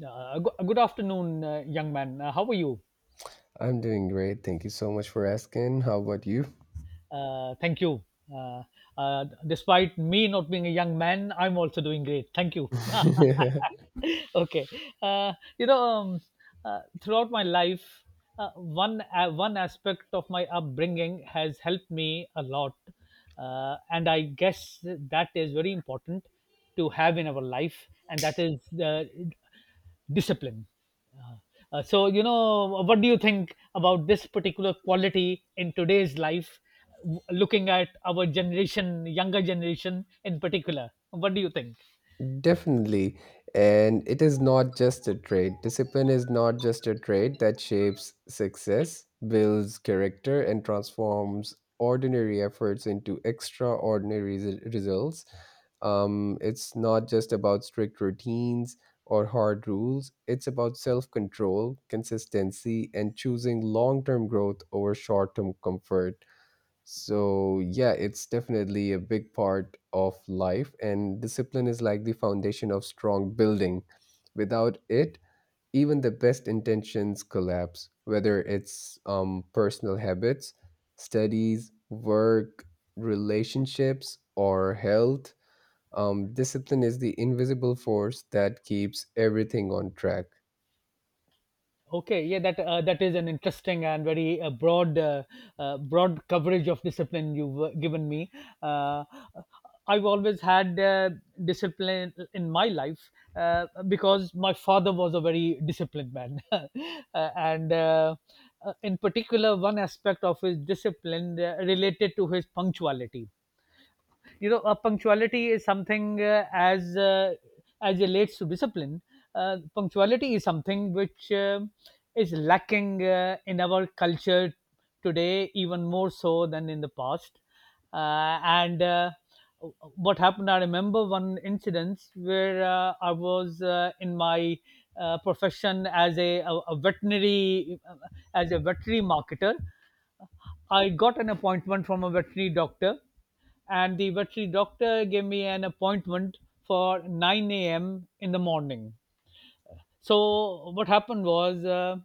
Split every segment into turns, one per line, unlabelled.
Good, good afternoon, young man. How are you?
I'm doing great. Thank you so much for asking. How about you?
Thank you. Uh, Despite me not being a young man, I'm also doing great. Thank you. Okay. Uh, you know, um, Throughout my life, one aspect of my upbringing has helped me a lot, and I guess that is very important to have in our life, and that is discipline. So, what do you think about this particular quality in today's life, looking at our generation, younger generation in particular? What do you think?
Definitely. And it is not just a trait. Discipline is not just a trait that shapes success, builds character, and transforms ordinary efforts into extraordinary results. It's not just about strict routines or hard rules. It's about self control, consistency, and choosing long term growth over short term comfort. So, yeah, it's definitely a big part of life, and discipline is like the foundation of strong building. Without it, even the best intentions collapse, whether it's personal habits, studies, work, relationships, or health. Discipline is the invisible force that keeps everything on track.
Okay, yeah, that is an interesting and very broad coverage of discipline you've given me. Uh, I've always had discipline in my life because my father was a very disciplined man, and in particular, one aspect of his discipline related to his punctuality. Punctuality is something, as relates to discipline. Punctuality is something which is lacking in our culture today, even more so than in the past. And What happened, I remember one incident where I was in my profession as a veterinary marketer. I got an appointment from a veterinary doctor, and the veterinary doctor gave me an appointment for 9 a.m. in the morning. So what happened was, uh,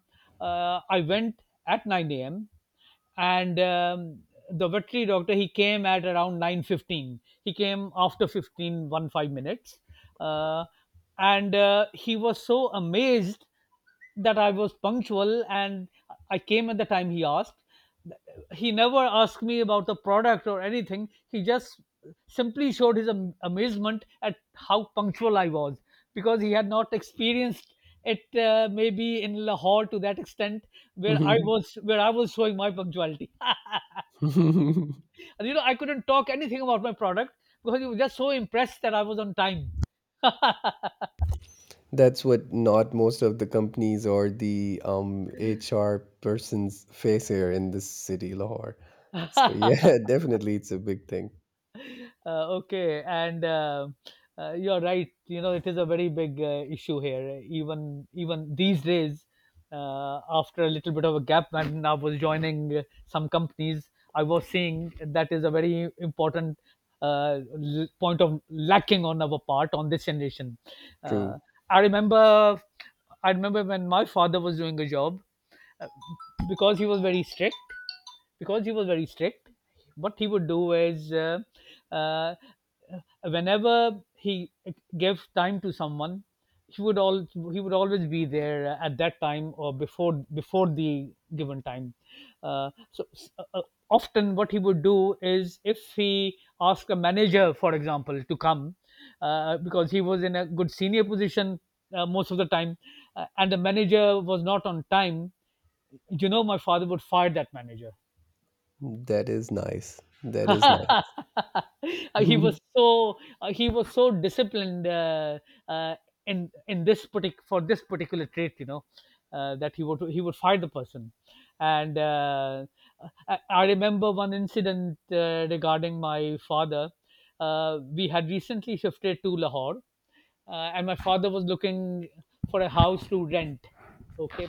uh, I went at 9 a.m, and the veterinary doctor, he came at around 9:15. He came after 15 1 5 minutes, uh, and he was so amazed that I was punctual, and I came at the time he asked. He never asked me about the product or anything, he just simply showed his amazement at how punctual I was, because he had not experienced it, maybe in Lahore to that extent, where I was showing my punctuality. And I couldn't talk anything about my product, because you were just so impressed that I was on time.
That's what not most of the companies or the HR persons face here in this city, Lahore. So yeah, definitely it's a big thing.
Okay, and you're right, it is a very big issue here, even these days. After a little bit of a gap, and I was joining some companies, I was seeing that is a very important point of lacking on our part, on this generation. uh,
True.
i remember I remember when my father was doing a job, uh, because he was very strict. because he was very strict what he would do is, uh, whenever he gave time to someone, he would always be there at that time, or before the given time. So, uh, uh, often what he would do is, if he asked a manager, for example, to come, because he was in a good senior position most of the time, and the manager was not on time, my father would fire that manager.
That is nice. That is nice.
he was so uh, he was so disciplined, uh, for this particular trait, you know, that he would fight the person. And I remember one incident regarding my father. We had recently shifted to Lahore, and my father was looking for a house to rent. Okay.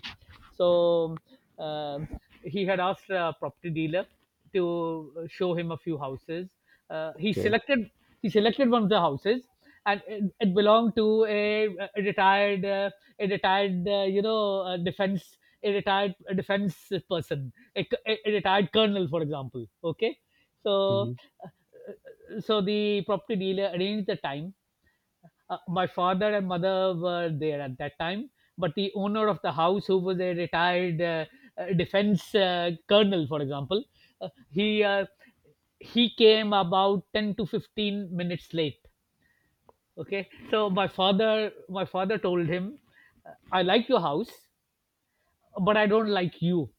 So, um, he had asked a property dealer to show him a few houses. Uh, he
Okay.
selected he selected one of the houses, and it belonged to a retired, a retired, defense, a retired, a defense person, a retired colonel, for example. Okay, so
Mhm.
the property dealer arranged the time. My father and mother were there at that time, but the owner of the house, who was a retired, defense, colonel, for example, uh, he uh, he came about 10 to 15 minutes late. Okay, so my father told him, "I like your house, but I don't like you.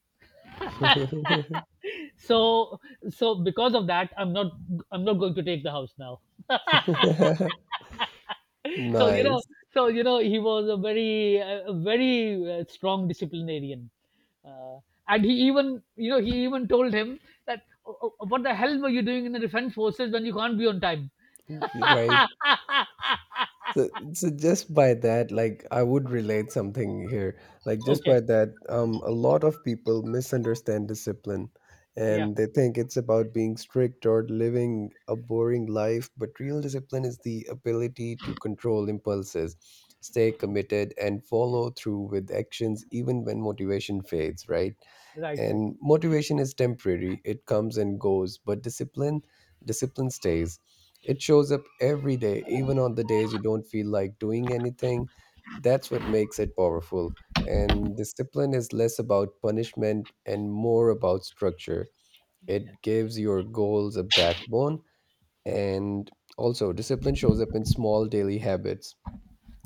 So, because of that, I'm not going to take the house now." So,
Nice,
he was a very strong disciplinarian. uh, and he even, he even told him that, "Oh, oh, what the hell were you doing in the defense forces when you can't be on time?"
right? So just by that, like I would relate something here. Like just
Okay.
by that, a lot of people misunderstand discipline,
Yeah.
and they think it's about being strict or living a boring life. But real discipline is the ability to control impulses, stay committed, and follow through with actions even when motivation fades. Right?
Right. Right.
And motivation is temporary. It comes and goes, but discipline stays. It shows up every day, even on the days you don't feel like doing anything. That's what makes it powerful. And discipline is less about punishment and more about structure. It gives your goals a backbone. And also discipline shows up in small daily habits,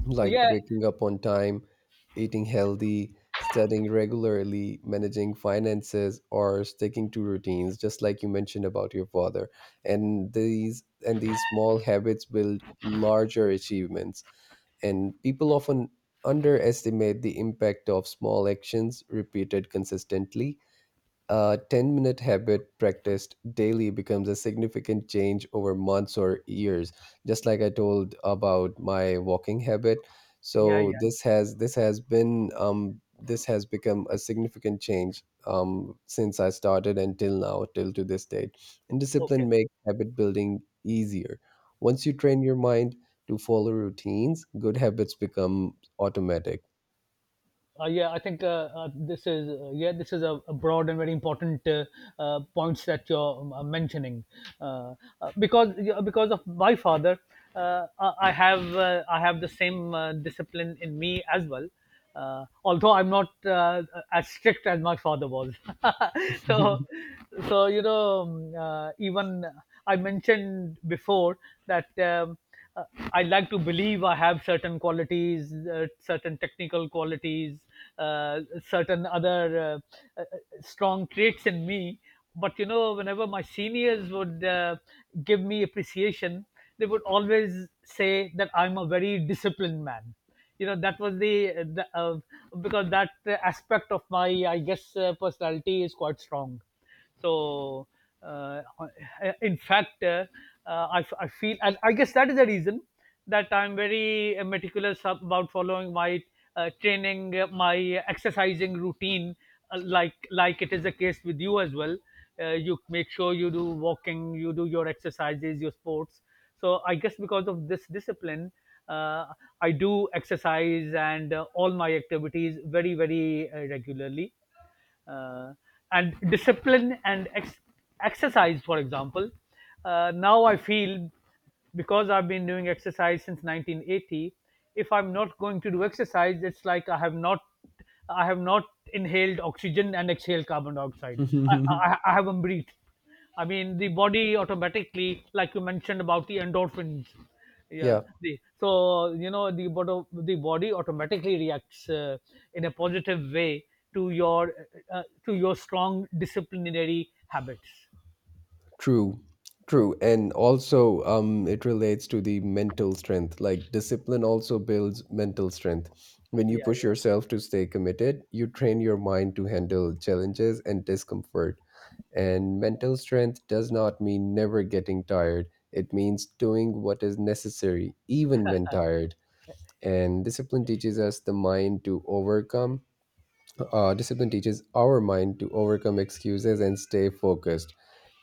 like
Yeah,
waking up on time, eating healthy, studying regularly, managing finances, or sticking to routines, just like you mentioned about your father. And these small habits build larger achievements. And people often underestimate the impact of small actions repeated consistently. A 10-minute habit practiced daily becomes a significant change over months or years, just like I told about my walking habit.
yeah,
So
yeah.
this has become a significant change since I started until now, till to this date. And
Okay.
discipline makes habit building easier. Once you train your mind to follow routines, good habits become automatic.
Yeah, I think, this is a broad and very important, points that you're mentioning. Uh, because yeah, because of my father, I have the same discipline in me as well. Although I'm not as strict as my father was, so so even I mentioned before that. Uh, I like to believe I have certain qualities, certain technical qualities, certain other uh, uh, strong traits in me. But whenever my seniors would give me appreciation, they would always say that I'm a very disciplined man. You know, that was the, the uh, because that aspect of my, I guess, personality is quite strong, so, uh, in fact, I feel, and I guess that is the reason that I'm very meticulous about following my training, my exercising routine, like it is the case with you as well. You make sure you do walking, you do your exercises, your sports. So I guess because of this discipline, uh, I do exercise and all my activities very, very regularly. uh, and discipline and exercise, for example, now I feel, because I've been doing exercise since 1980, if I'm not going to do exercise, it's like I have not inhaled oxygen and exhaled carbon dioxide. i, I, I haven't breathed. I mean, the body automatically, like you mentioned about the endorphins. Yeah.
Yeah.
So the body automatically reacts, in a positive way to your to your strong disciplinary habits.
True, true. And also, it relates to the mental strength. Like discipline also builds mental strength. When you
Yeah.
push
Yeah.
yourself to stay committed, you train your mind to handle challenges and discomfort. And mental strength does not mean never getting tired, it means doing what is necessary, even when tired. And discipline teaches our mind to overcome excuses and stay focused.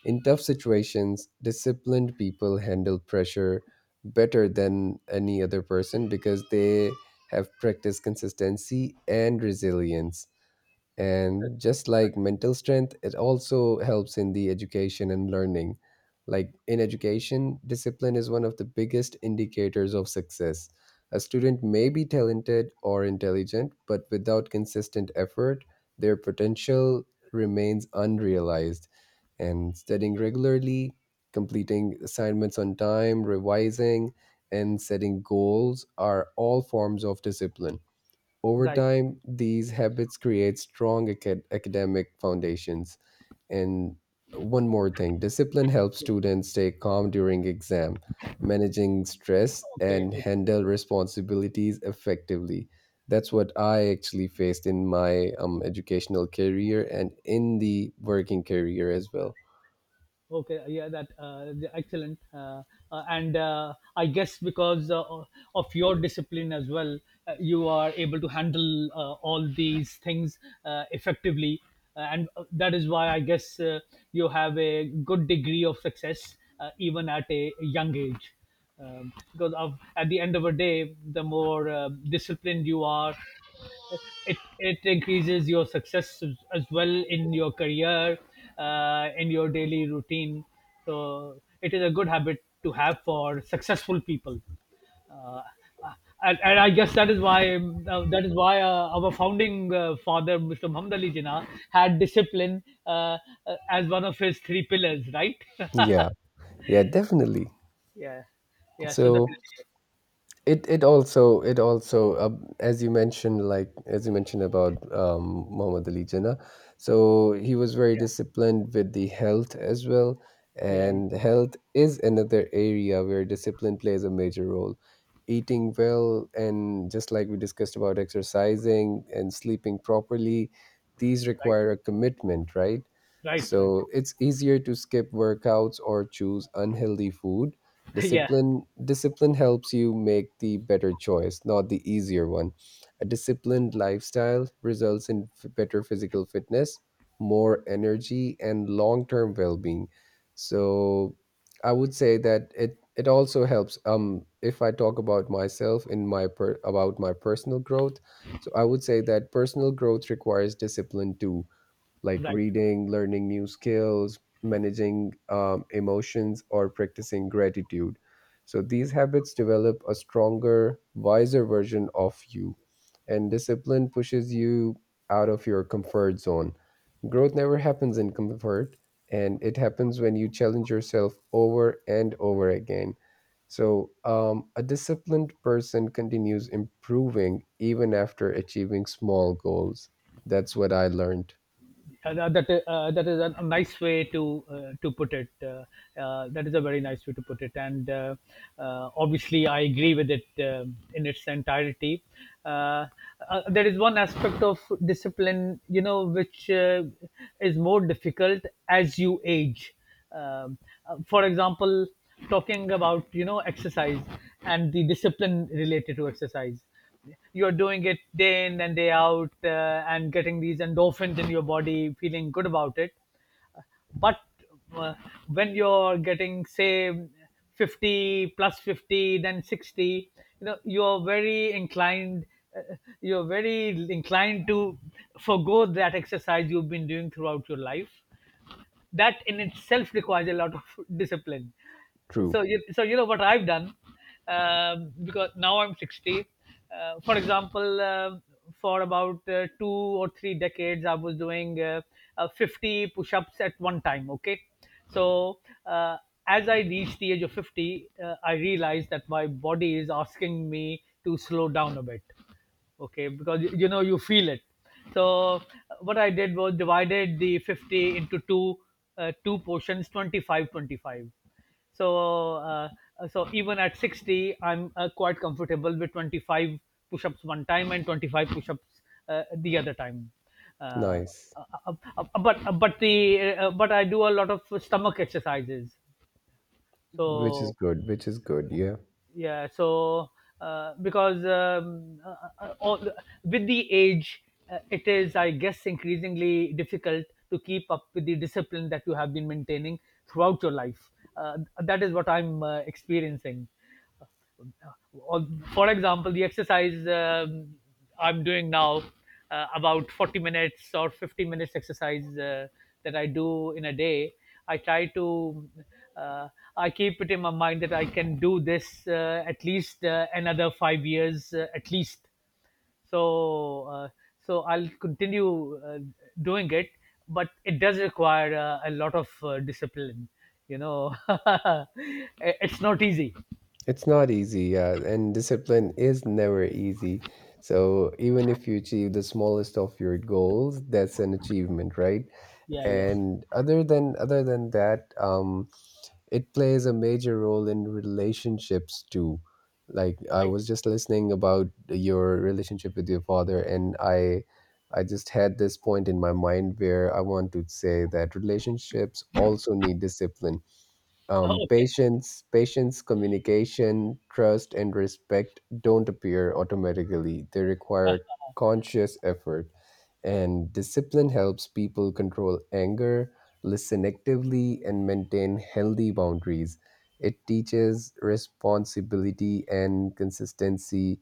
In tough situations, disciplined people handle pressure better than any other person, because they have practiced consistency and resilience. And just like mental strength, it also helps in the education and learning. Like in education, discipline is one of the biggest indicators of success. A student may be talented or intelligent, but without consistent effort, their potential remains unrealized. And studying regularly, completing assignments on time, revising, and setting goals are all forms of discipline. Over
Right.
time, these habits create strong academic foundations. And one more thing, discipline helps students stay calm during exam, managing stress,
Okay.
and
Okay.
handle responsibilities effectively. That's what I actually faced in my educational career, and in the working career as well.
Okay, yeah, excellent. And I guess because of your discipline as well, you are able to handle all these things effectively, and that is why I guess, you have a good degree of success, even at a young age. Because of, at the end of a day, the more disciplined you are, it increases your success as well in your career, in your daily routine. So it is a good habit to have for successful people. Uh, uh, and, and I guess that is why our founding, father, Mr. Muhammad Ali Jinnah, had discipline, as one of his three pillars, right?
Yeah, yeah, definitely.
Yeah, yeah. So
So
definitely.
it it also as you mentioned about Muhammad Ali Jinnah, so he was very
Yeah,
disciplined with the health as well.
yeah, yeah.
And health is another area where discipline plays a major role. Eating well, and just like we discussed about exercising and sleeping properly, these
Right,
require a commitment, right?
right, right.
So it's easier to skip workouts or choose unhealthy food.
Yeah,
Discipline helps you make the better choice, not the easier one. A disciplined lifestyle results in better physical fitness, more energy, and long-term well-being. So I would say that it also helps, if I talk about myself about my personal growth. So I would say that personal growth requires discipline too, like
right.
reading, learning new skills, managing emotions, or practicing gratitude. So these habits develop a stronger, wiser version of you, and discipline pushes you out of your comfort zone. Growth never happens in comfort, and it happens when you challenge yourself over and over again. So, a disciplined person continues improving even after achieving small goals. That's what I learned.
That is a nice way to to put it. That is a very nice way to put it, and obviously I agree with it, in its entirety. Uh, there is one aspect of discipline, you know, which, is more difficult as you age. Um, for example, talking about, exercise and the discipline related to exercise, you're doing it day in and day out, and getting these endorphins in your body, feeling good about it. But, uh, when you're getting, say, 50 plus 50, then 60, you know you're very inclined uh, you're very inclined to forgo that exercise you've been doing throughout your life. That in itself requires a lot of discipline. So,
True.
so you know what I've done? Because now I'm 60, for example. For about 2 or 3 decades, I was doing 50 push-ups at one time. Okay, so, uh, as I reached the age of 50, I realized that my body is asking me to slow down a bit. Okay, because you know, you feel it. So what I did was divided the 50 into two portions — 25, 25. so uh, so even at 60 I'm quite comfortable with 25 push-ups one time and 25 push-ups the other time. uh,
Nice.
but I do a lot of stomach exercises.
Which is
So
good, which is good. Yeah,
yeah, so because with the age, it is, I guess, increasingly difficult to keep up with the discipline that you have been maintaining throughout your life. That is what I'm experiencing. For example, the exercise I'm doing now, about 40 minutes or 50 minutes exercise that I do in a day, I try to, uh, I keep it in my mind that I can do this, at least another 5 years, at least. So, uh, so I'll continue doing it, but it does require a lot of discipline. You know, it's not easy.
it's not easy. Yeah, and discipline is never easy. So even if you achieve the smallest of your goals, that's an achievement, right?
Yeah, yeah.
And other than that, it plays a major role in relationships too. Like I
Right.
was just listening about your relationship with your father, and I. I just had this point in my mind where I want to say that relationships also need discipline.
Oh, okay,
Patience, patience, communication, trust, and respect don't appear automatically. They require conscious effort, and discipline helps people control anger, listen actively, and maintain healthy boundaries. It teaches responsibility and consistency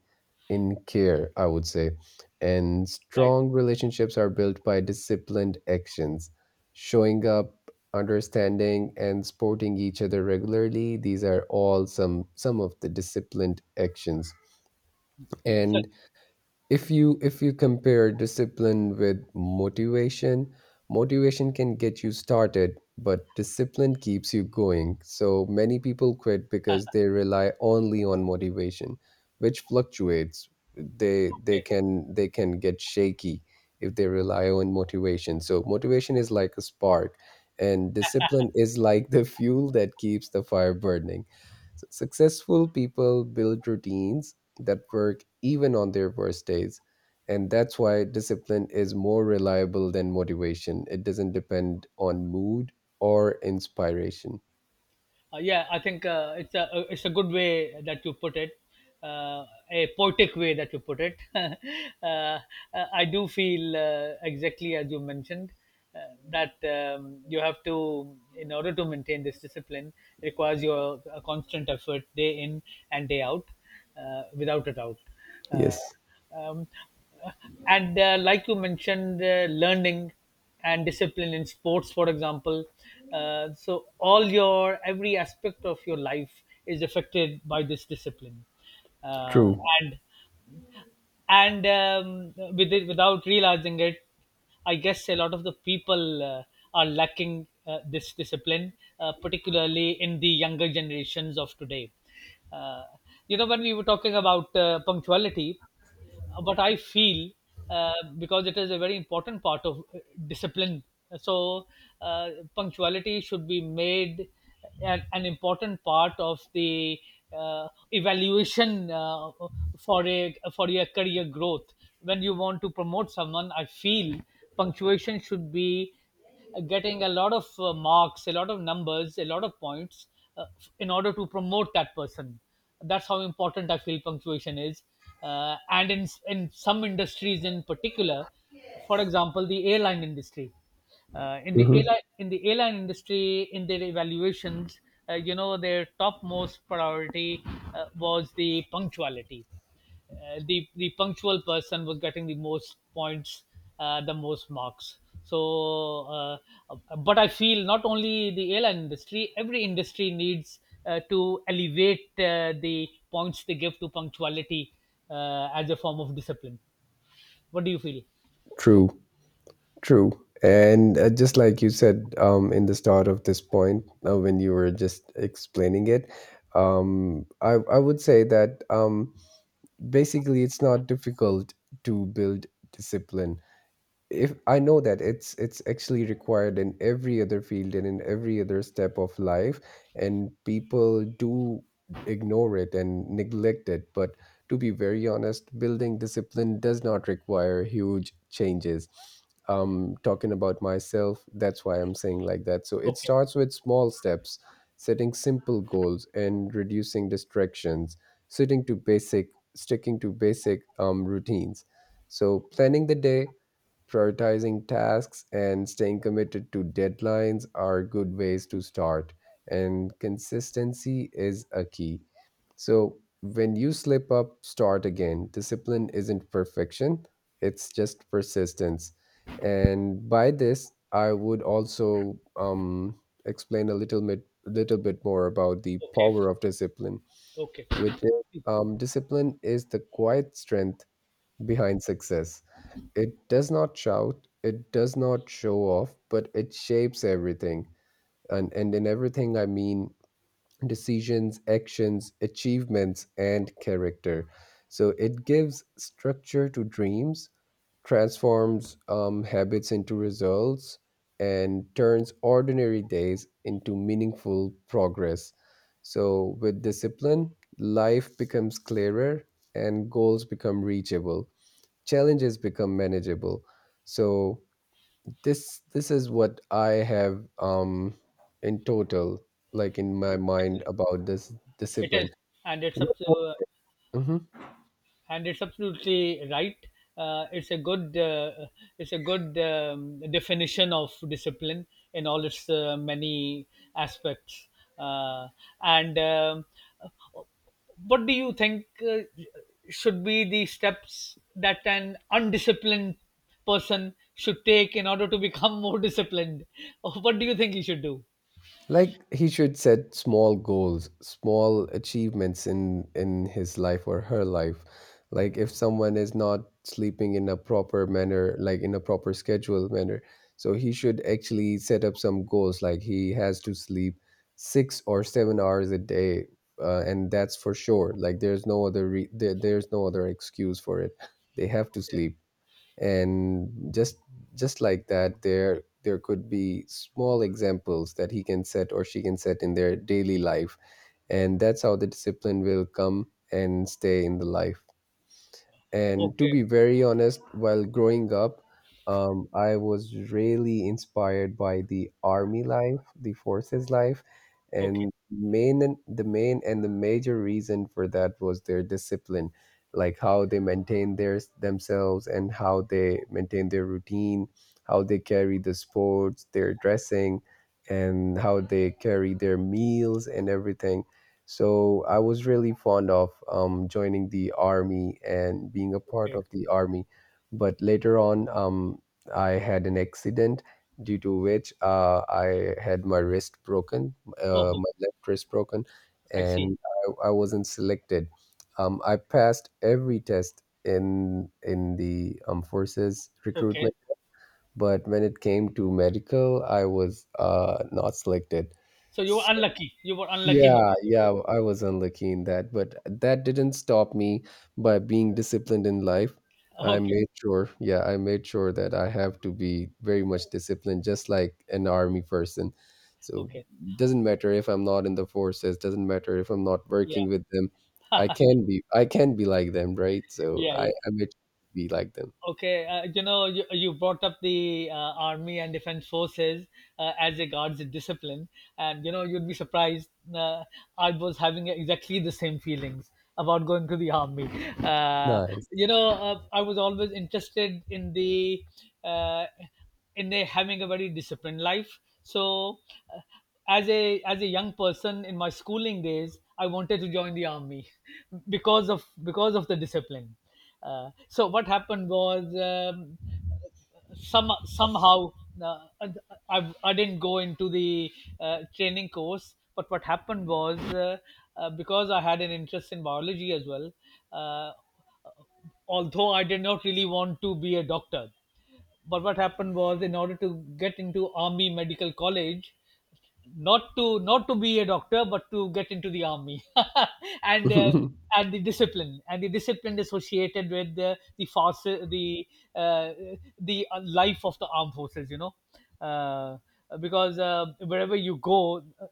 in care, I would say. And
right.
strong relationships are built by disciplined actions, showing up, understanding, and supporting each other regularly. These are all some of the disciplined actions.
Yeah. So,
And if you compare discipline with motivation, motivation can get you started, but discipline keeps you going. So many people quit
uh,
because they rely only on motivation, which fluctuates. they they
okay.
can they can get shaky if they rely on motivation. So motivation is like a spark, and discipline is like the fuel that keeps the fire burning. Successful people build routines that work even on their worst days. And that's why discipline is more reliable than motivation. It doesn't depend on mood or inspiration.
Yeah, I think, it's a good way that you put it, uh, a poetic way that you put it. I do feel, exactly as you mentioned, that you have to, in order to maintain this discipline, requires your a constant effort day in and day out, without a doubt. Uh,
Yes,
um, and like you mentioned, learning and discipline in sports, for example. So all your every aspect of your life is affected by this discipline, uh,
true.
and and with it, without realizing it, I guess a lot of the people are lacking this discipline, particularly in the younger generations of today. uh, you know, when we were talking about punctuality, but I feel because it is a very important part of discipline. So, uh, punctuality should be made an important part of the evaluation for a for your career growth. When you want to promote someone, I feel punctuation should be getting a lot of marks, a lot of numbers, a lot of points, uh, in order to promote that person. That's how important I feel punctuation is. And in some industries in particular, for example, the airline industry.
Hmm.
In the airline industry, in their evaluations, you know, their topmost priority was the punctuality. The punctual person was getting the most points, the most marks. But I feel not only the airline industry, every industry needs to elevate the points they give to punctuality as a form of discipline. What do you feel?
True, true. And just like you said, in the start of this point, when you were just explaining it, um, I would say that. Basically, it's not difficult to build discipline, if I know that it's actually required in every other field and in every other step of life. And people do ignore it and neglect it, but to be very honest, building discipline does not require huge changes. Talking about myself, that's why I'm saying like that. So it
Okay,
starts with small steps, setting simple goals and reducing distractions, sitting to basic sticking to basic, routines. So planning the day, prioritizing tasks, and staying committed to deadlines are good ways to start, and consistency is a key. So, when you slip up, start again. Discipline isn't perfection, it's just persistence. And by this, I would also explain little bit more about the
okay,
power of discipline,
okay.
which is, discipline is the quiet strength behind success. It does not shout, it does not show off, but it shapes everything. And, in everything, I mean decisions, actions, achievements, and character. So it gives structure to dreams, transforms habits into results, and turns ordinary days into meaningful progress. So with discipline, life becomes clearer, and goals become reachable, challenges become manageable. So this is what I have, in total, like in my mind
Excellent.
about this
It is,
discipline.
and it's up
What more,
to
Mhm.
and it's absolutely right. Uh, it's a good uh, it's a good definition of discipline in all its many aspects. Uh, and what do you think should be the steps that an undisciplined person should take in order to become more disciplined? What do you think he should do?
Like he should set small goals, small achievements in his life or her life. Like if someone is not sleeping in a proper manner, like in a proper schedule manner, so he should actually set up some goals, like he has to sleep 6 or 7 hours a day. And that's for sure. Like there's no other there's no other excuse for it. They have to sleep. And just like that, there could be small examples that he can set or she can set in their daily life, and that's how the discipline will come and stay in the life. And to
Okay,
be very honest, while growing up, I was really inspired by the army life, the forces life,
okay,
and main and the major reason for that was their discipline, like how they maintain their themselves, and how they maintain their routine, how they carry the sports, their dressing, and how they carry their meals and everything. So I was really fond of joining the army and being a part
okay.
of the army. But later on, I had an accident, due to which I had my wrist broken,
Oh,
my left wrist broken,
I see.
and I wasn't selected. I passed every test in the forces
Okay.
recruitment, but when it came to medical, I was not selected.
So you were unlucky. You were unlucky
Yeah,
because of
yeah,
this.
I was unlucky in that, but that didn't stop me by being disciplined in life. I
Okay.
made sure, yeah, I made sure that I have to be very much disciplined, just like an army person. So
Okay.
doesn't matter if I'm not in the forces, doesn't matter if I'm not working with them.
Yeah. Yeah.
I can be like them, right? So
Yeah.
I,
Yeah.
I made sure to be like them.
Okay. You know, you brought up the army and defense forces, as regards discipline, and you know, you'd be surprised. I was having exactly the same feelings about going to the army. Uh,
Nice.
you know, I was always interested in the. Uh, and they're having a very disciplined life, so uh, as a young person in my schooling days, I wanted to join the army, because of the discipline. So what happened was, somehow, uh, I didn't go into the training course. But what happened was, because I had an interest in biology as well, uh, although I did not really want to be a doctor. But what happened was, in order to get into Army Medical College, not to be a doctor, but to get into the army, and uh, and the discipline associated with the force, uh, the life of the armed forces. You know, uh, because wherever you go,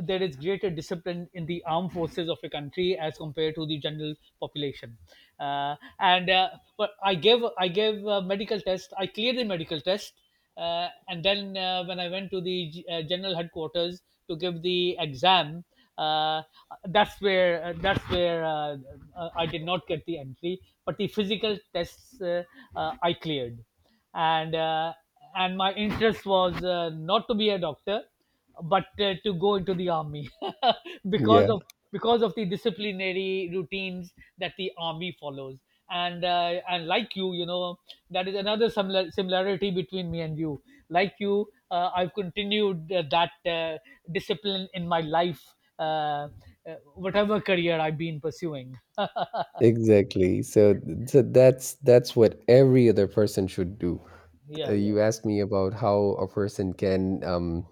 there is greater discipline in the armed forces of a country as compared to the general population. And But I gave a medical test. I cleared the medical test, and then when I went to the general headquarters to give the exam. Uh, that's where I did not get the entry, but the physical tests, I cleared. And uh, and my interest was not to be a doctor, but to go into the army, because
Yeah,
of because of the disciplinary routines that the army follows. And like you know, that is another similarity between me and you. Like you, I've continued that discipline in my life, whatever career I've been pursuing.
exactly. So, so that's what every other person should do.
Yeah, yeah,
You
yeah.
asked me about how a person can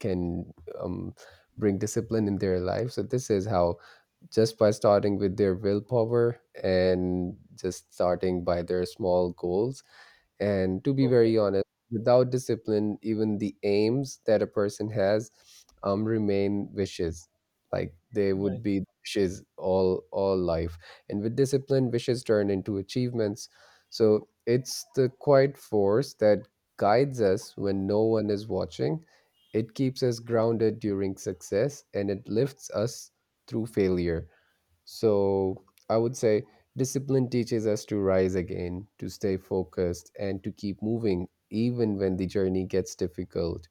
can um, bring discipline in their life. So this is how, just by starting with their willpower and just starting by their small goals. And to be
Okay.
very honest, without discipline, even the aims that a person has, remain wishes. Like they would
Right.
be wishes all life. And with discipline, wishes turn into achievements. So it's the quiet force that guides us when no one is watching. It keeps us grounded during success, and it lifts us through failure. So I would say discipline teaches us to rise again, to stay focused, and to keep moving even when the journey gets difficult.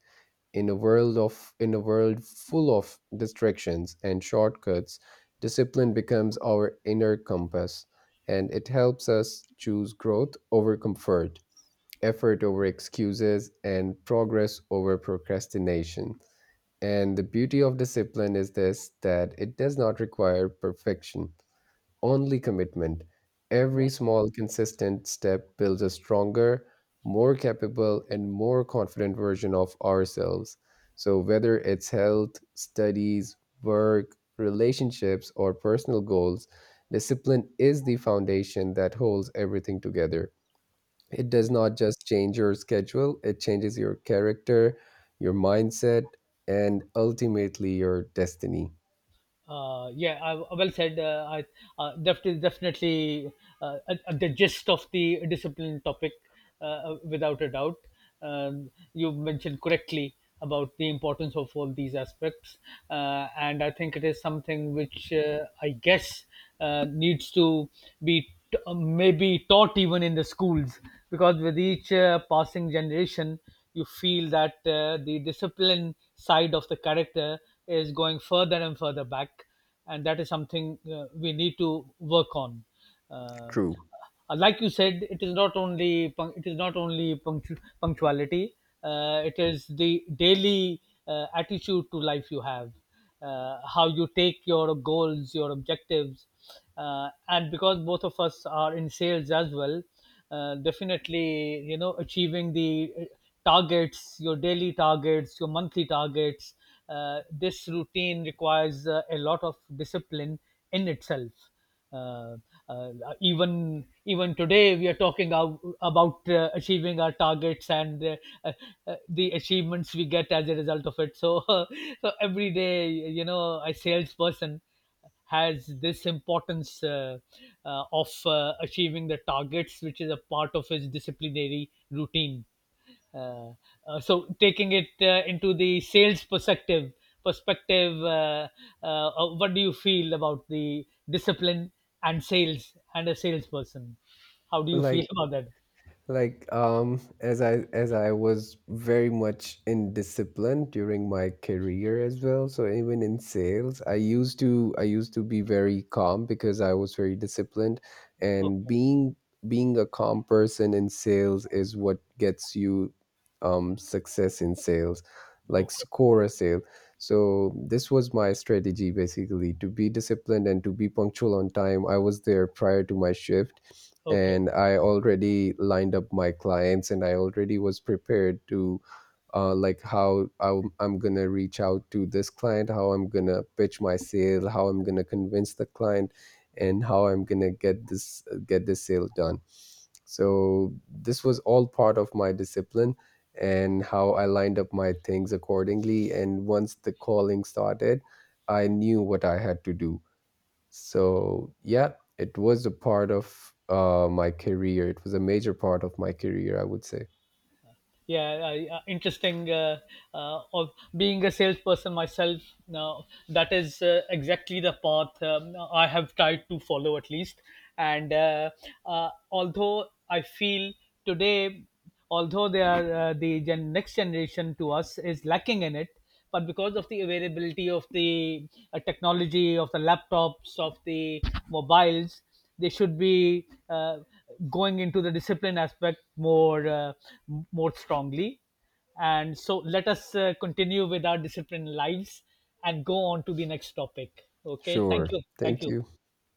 In a world of in a world full of distractions and shortcuts, discipline becomes our inner compass, and it helps us choose growth over comfort, effort over excuses, and progress over procrastination. And the beauty of discipline is this, that it does not require perfection, only commitment. Every small, consistent step builds a stronger, more capable, and more confident version of ourselves. So, whether it's health, studies, work, relationships, or personal goals, discipline is the foundation that holds everything together. It does not just change your schedule, it changes your character, your mindset, and ultimately your destiny.
Yeah, well said. That is definitely the gist of the discipline topic, without a doubt. You mentioned correctly about the importance of all these aspects, and I think it is something which, I guess, needs to be maybe taught even in the schools, because with each passing generation you feel that the discipline side of the character is going further and further back, and that is something we need to work on. Uh,
True.
like you said, it is not only punctuality. It is the daily attitude to life you have, how you take your goals, your objectives, and because both of us are in sales as well, definitely you know achieving the targets, your daily targets, your monthly targets, this routine requires a lot of discipline in itself. uh, uh, even today we are talking about achieving our targets and, uh, the achievements we get as a result of it, so so every day, you know, a salesperson has this importance, of achieving the targets, which is a part of his disciplinary routine. Uh, so taking it into the sales perspective, what do you feel about the discipline and sales and a salesperson? How do you
Like,
feel about that?
as I was very much in discipline during my career as well, so even in sales, I used to be very calm, because I was very disciplined. And
Okay,
being a calm person in sales is what gets you success in sales, like
okay,
score a sale. So this was my strategy, basically to be disciplined and to be punctual on time. I was there prior to my shift,
okay.
and I already lined up my clients, and I already was prepared to, like, how I'm gonna reach out to this client, how I'm gonna pitch my sale, how I'm gonna convince the client, and how I'm gonna get this sale done. So this was all part of my discipline, and how I lined up my things accordingly. And once the calling started, I knew what I had to do. So yeah, it was a part of my career. It was a major part of my career, I would say.
Yeah. Interesting. Of Being a salesperson myself now, that is exactly the path I have tried to follow, at least. And although I feel today, although they are the next generation to us is lacking in it, but because of the availability of the technology, of the laptops, of the mobiles, they should be going into the discipline aspect more, more strongly, and so let us continue with our discipline lives and go on to the next topic. Okay, thank
Sure.
you, thank
Thank
you,
you.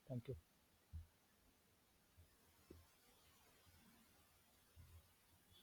thank you.